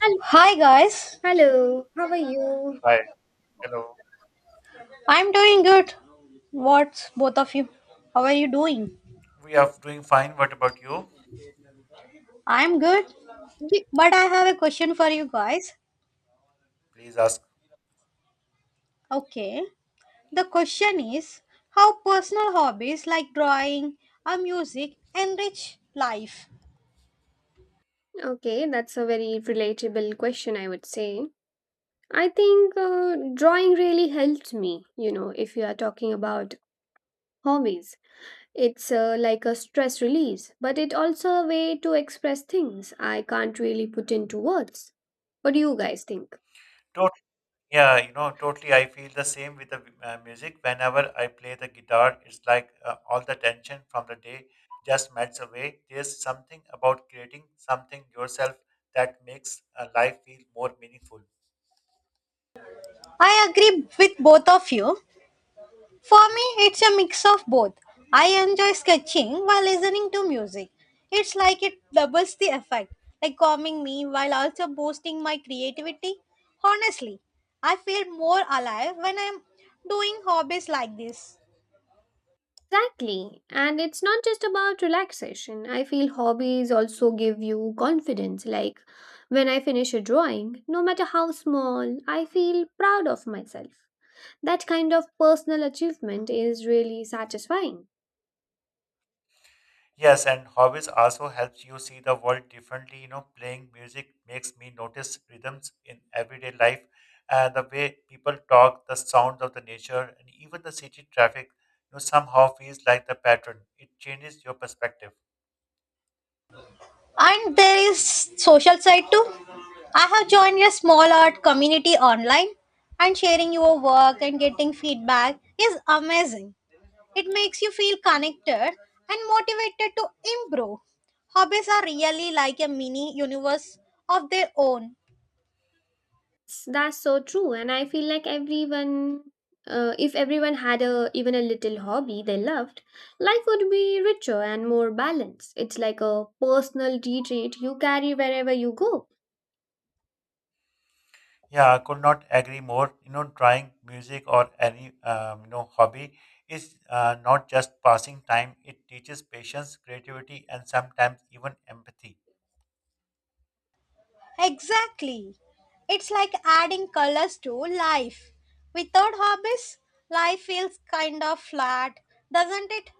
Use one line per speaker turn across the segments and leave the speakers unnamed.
Hel-
Hi guys,
Hello, how are you?
Hi, hello.
I'm doing good. What's both of you? How are you doing?
We are doing fine. What about you?
I'm good,
Ye-
but I have a question for you guys.
Please ask.
Okay, the question is how personal hobbies like drawing or music enrich life.
Okay, that's a very relatable question, I would say. I think drawing really helped me, you know, if you are talking about hobbies. It's like a stress release, but it also a way to express things I can't really put into words. What do you guys think?
Tot yeah, you know, totally. I feel the same with the music. Whenever I play the guitar, it's like all the tension from the day just melts away. There's something about creating something yourself that makes life feel more meaningful.
I agree with both of you. For me, it's a mix of both. I enjoy sketching while listening to music. It's like it doubles the effect, like calming me while also boosting my creativity. Honestly, I feel more alive when I'm doing hobbies like this.
Exactly. And it's not just about relaxation. I feel hobbies also give you confidence. Like when I finish a drawing, no matter how small, I feel proud of myself. That kind of personal achievement is really satisfying.
Yes, and hobbies also helps you see the world differently. You know, playing music makes me notice rhythms in everyday life, the way people talk, the sounds of the nature, and even the city traffic. You know, somehow feels like the pattern. It changes your perspective.
And there is social side too. I have joined a small art community online and sharing your work and getting feedback is amazing. It makes you feel connected and motivated to improve. Hobbies are really like a mini universe of their own.
That's so true. And I feel like everyone, if everyone had a even a little hobby they loved, life would be richer and more balanced. It's like a personal retreat you carry wherever you go.
Yeah, I could not agree more. You know, drawing, music, or any hobby is not just passing time. It teaches patience, creativity, and sometimes even empathy.
Exactly. It's like adding colors to life. Without hobbies, life feels kind of flat, doesn't it?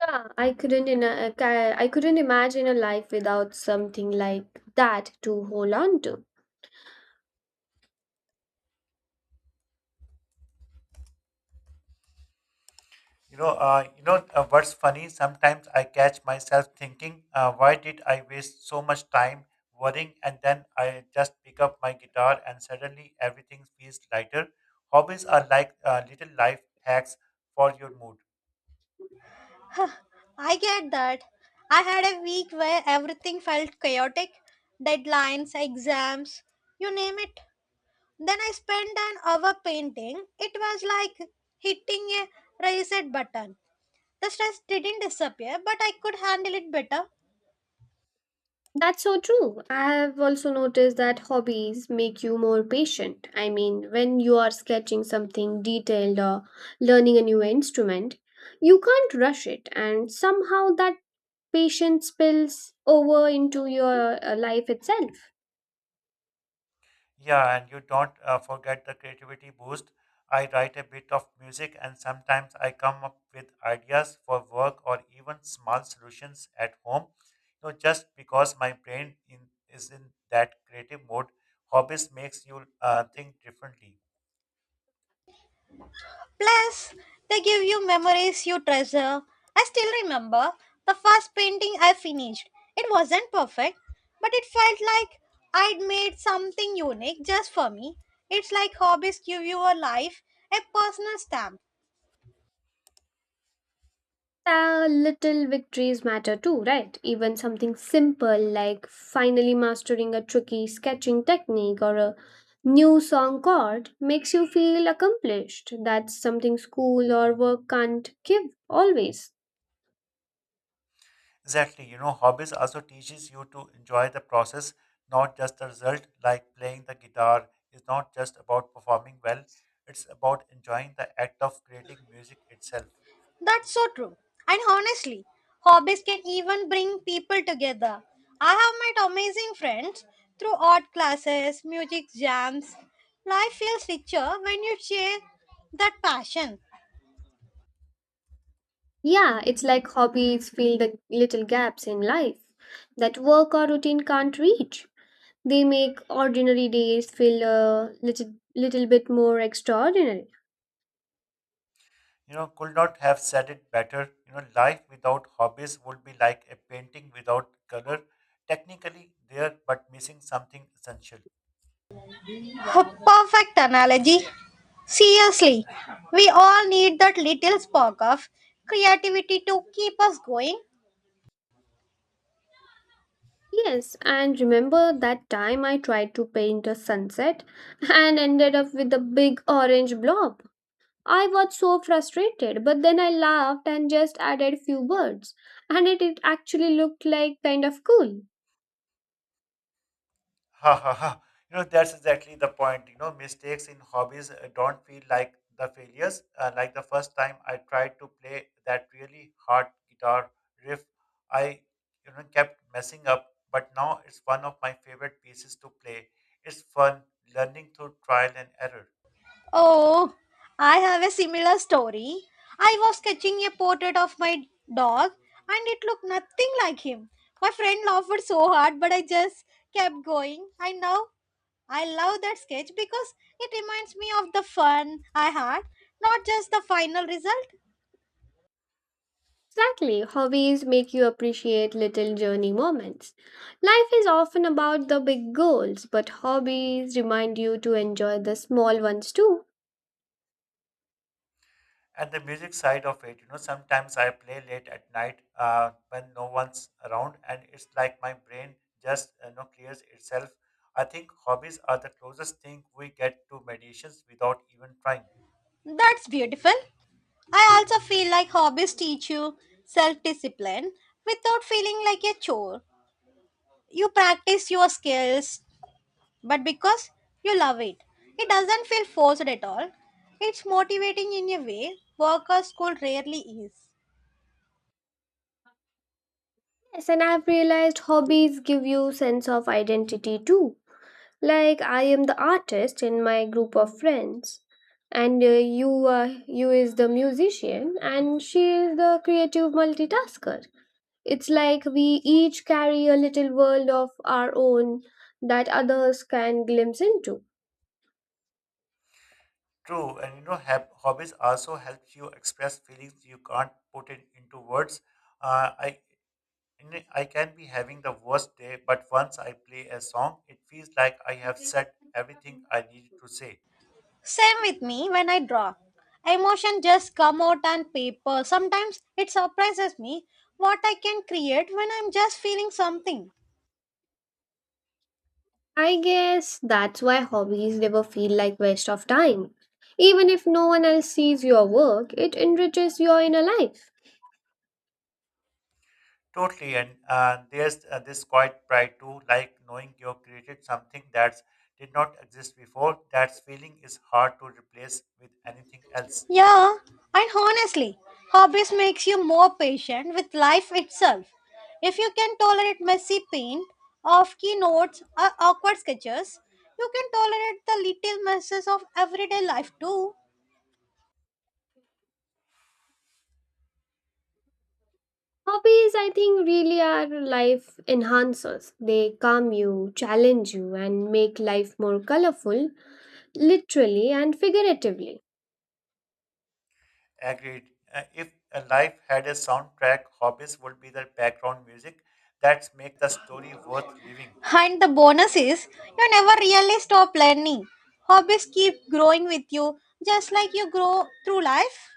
Yeah, I couldn't I couldn't imagine a life without something like that to hold on to.
What's funny? Sometimes I catch myself thinking, why did I waste so much time worrying? And then I just pick up my guitar, and suddenly everything feels lighter. Hobbies are like little life hacks for your mood.
I get that. I had a week where everything felt chaotic, deadlines, exams, you name it. Then I spent an hour painting. It was like hitting a reset button. The stress didn't disappear, but I could handle it better.
That's so true. I have also noticed that hobbies make you more patient. I mean, when you are sketching something detailed or learning a new instrument, you can't rush it, and somehow that patience spills over into your life itself.
Yeah, and you don't forget the creativity boost. I write a bit of music and sometimes I come up with ideas for work or even small solutions at home. You know, just because my is in that creative mode, hobbies makes you think differently.
Plus, they give you memories you treasure. I still remember the first painting I finished. It wasn't perfect, but it felt like I'd made something unique just for me. It's like hobbies give you a life, a personal stamp.
Little victories matter too, right? Even something simple like finally mastering a tricky sketching technique or a new song chord makes you feel accomplished. That's something school or work can't give always.
Exactly, you know, hobbies also teaches you to enjoy the process, not just the result. Like playing the guitar is not just about performing well; it's about enjoying the act of creating music itself.
That's so true. And honestly, hobbies can even bring people together. I have met amazing friends through art classes, music jams. Life feels richer when you share that passion.
Yeah, it's like hobbies fill the little gaps in life that work or routine can't reach. They make ordinary days feel a little bit more extraordinary.
You know, could not have said it better. You know, life without hobbies would be like a painting without color, technically there but missing something essential.
A perfect analogy. Seriously, we all need that little spark of creativity to keep us going.
Yes, and remember that time I tried to paint a sunset and ended up with a big orange blob. I was so frustrated, but then I laughed and just added few words, and it actually looked like kind of cool.
Ha ha ha. You know, that's exactly the point. You know, mistakes in hobbies don't feel like the failures. Like the first time I tried to play that really hard guitar riff, I kept messing up, but now it's one of my favorite pieces to play. It's fun learning through trial and error.
Oh, I have a similar story. I was sketching a portrait of my dog and it looked nothing like him. My friend laughed so hard, but I just kept going. I now I love that sketch because it reminds me of the fun I had, not just the final result.
Exactly, hobbies make you appreciate little journey moments. Life is often about the big goals, but hobbies remind you to enjoy the small ones too.
And the music side of it, you know, sometimes I play late at night when no one's around, and it's like my brain just clears itself. I think hobbies are the closest thing we get to meditations without even trying.
That's beautiful. I also feel like hobbies teach you self discipline without feeling like a chore. You practice your skills, but because you love it. It doesn't feel forced at all. It's motivating in a way work or school rarely is.
Yes, and I've realized hobbies give you sense of identity too. Like I am the artist in my group of friends, and you is the musician, and she is the creative multitasker. It's like we each carry a little world of our own that others can glimpse into.
True, and you know, hobbies also help you express feelings you can't put it into words. Uh, I I can be having the worst day, but once I play a song, it feels like I have said everything I needed to say.
Same with me when I draw. Emotion just come out on paper. Sometimes it surprises me what I can create when I'm just feeling something.
I guess that's why hobbies never feel like waste of time. Even if no one else sees your work, it enriches your inner life.
Totally, and there's this quiet pride too, like knowing you created something that did not exist before. That feeling is hard to replace with anything else.
Yeah, and honestly, hobbies makes you more patient with life itself. If you can tolerate messy paint, off keynotes, or awkward sketches, you can tolerate the little messes of everyday life too.
Hobbies, I think, really are life enhancers. They calm you, challenge you, and make life more colorful, literally and figuratively.
Agreed. If a life had a soundtrack, hobbies would be the background music that make the story worth living.
And the bonus is, you never really stop learning. Hobbies keep growing with you, just like you grow through life.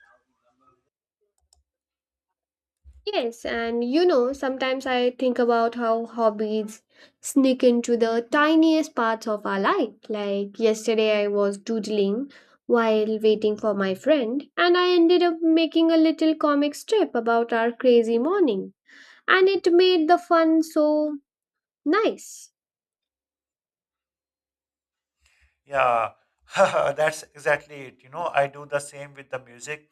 Yes, and you know, sometimes I think about how hobbies sneak into the tiniest parts of our life. Like yesterday, I was doodling while waiting for my friend, and I ended up making a little comic strip about our crazy morning, and it made the fun so nice.
Yeah, that's exactly it. You know, I do the same with the music.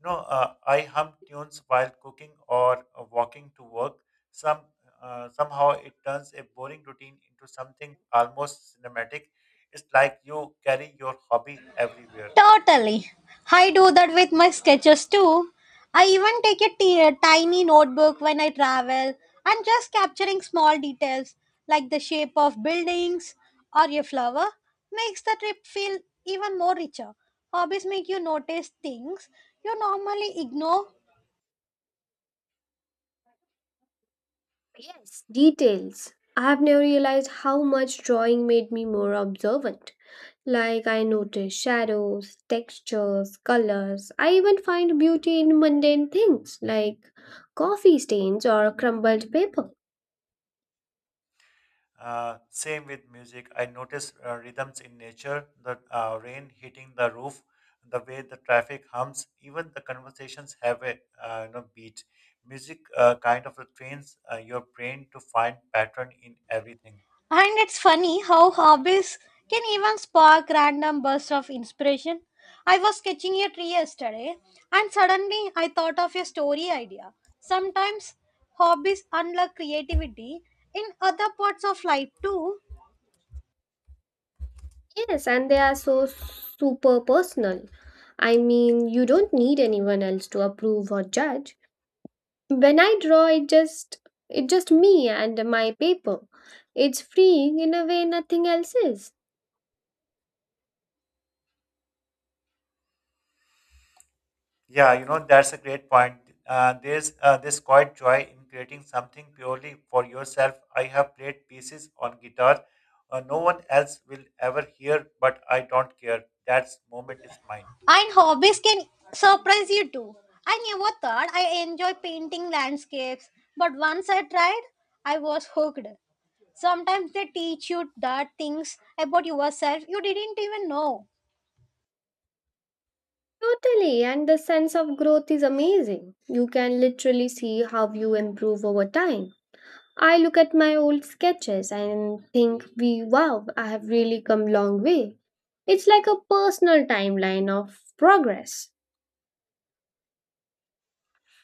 I hum tunes while cooking or walking to work. Some Somehow it turns a boring routine into something almost cinematic. It's like you carry your hobby everywhere.
Totally. I do that with my sketches too. I even take a tiny notebook when I travel and just capturing small details like the shape of buildings or a flower makes the trip feel even more richer. Hobbies make you notice things you normally ignore.
Yes, details. I have never realized how much drawing made me more observant. Like I notice shadows, textures, colors. I even find beauty in mundane things like coffee stains or crumbled paper.
Same with music. I notice rhythms in nature, the rain hitting the roof, the way the traffic hums, even the conversations have a beat. Music kind of trains your brain to find pattern in everything.
And it's funny how hobbies can even spark random bursts of inspiration. I was sketching a tree yesterday and suddenly I thought of a story idea. Sometimes hobbies unlock creativity in other parts of life too,
Yes, and they are so super personal. I mean, you don't need anyone else to approve or judge. When I draw, it just me and my paper. It's freeing in a way nothing else is.
Yeah, you know, that's a great point. There's this quiet joy in creating something purely for yourself. I have played pieces on guitar no one else will ever hear, but I don't care. That moment is mine.
and hobbies can surprise you too. I never thought I enjoy painting landscapes, but once I tried, I was hooked. Sometimes they teach you that things about yourself you didn't even know.
Totally, and the sense of growth is amazing. You can literally see how you improve over time. I look at my old sketches and think, "We Wow, I have really come a long way." It's like a personal timeline of progress.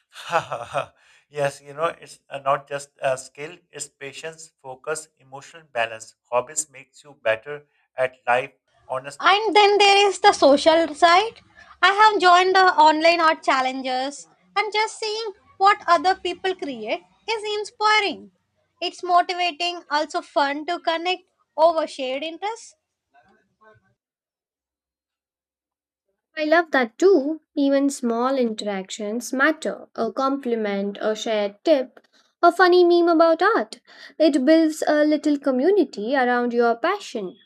Yes, you know, it's not just a skill, it's patience, focus, emotional balance. Hobbies makes you better at life, honestly.
And then there is the social side. I have joined the online art challenges and just seeing what other people create is inspiring. It's motivating, also fun to connect over shared interests.
I love that too. Even small interactions matter. A compliment, a shared tip, a funny meme about art. It builds a little community around your passion.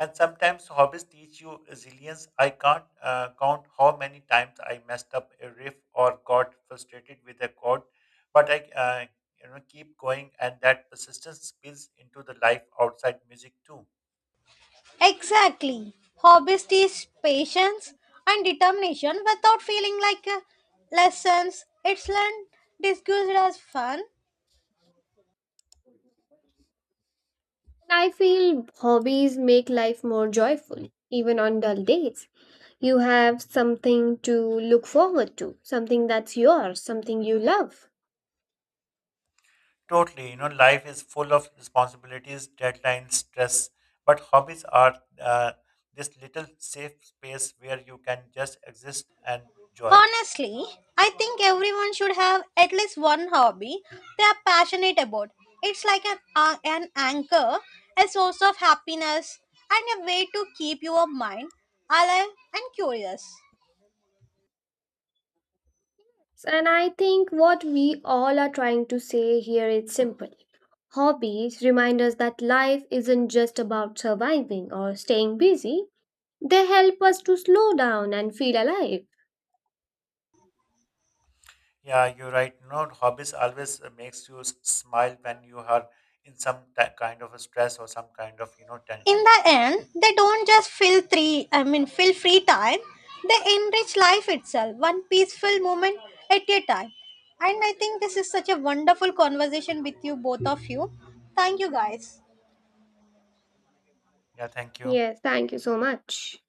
And sometimes hobbies teach you resilience. I can't count how many times I messed up a riff or got frustrated with a chord, but I keep going and that persistence spills into the life outside music too.
Exactly. Hobbies teach patience and determination without feeling like lessons. It's learned, discussed as fun.
I feel hobbies make life more joyful, even on dull days. You have something to look forward to, something that's yours, something you love.
Totally. You know, life is full of responsibilities, deadlines, stress, but hobbies are uh, this little safe space where you can just exist and joy.
Honestly, I think everyone should have at least one hobby they are passionate about. It's like an anchor, a source of happiness, and a way to keep your mind alive and curious.
And I think what we all are trying to say here is simple. Hobbies remind us that life isn't just about surviving or staying busy, they help us to slow down and feel alive.
Yeah, you're right. You know, hobbies always makes you smile when you are in kind of a stress or some kind of, you know,
In
tension.
the end, they don't just fill three I mean fill free time, they enrich life itself, one peaceful moment at a time. And I think this is such a wonderful conversation with you both of you. Thank you guys.
Yeah, thank you.
Yes, thank you so much.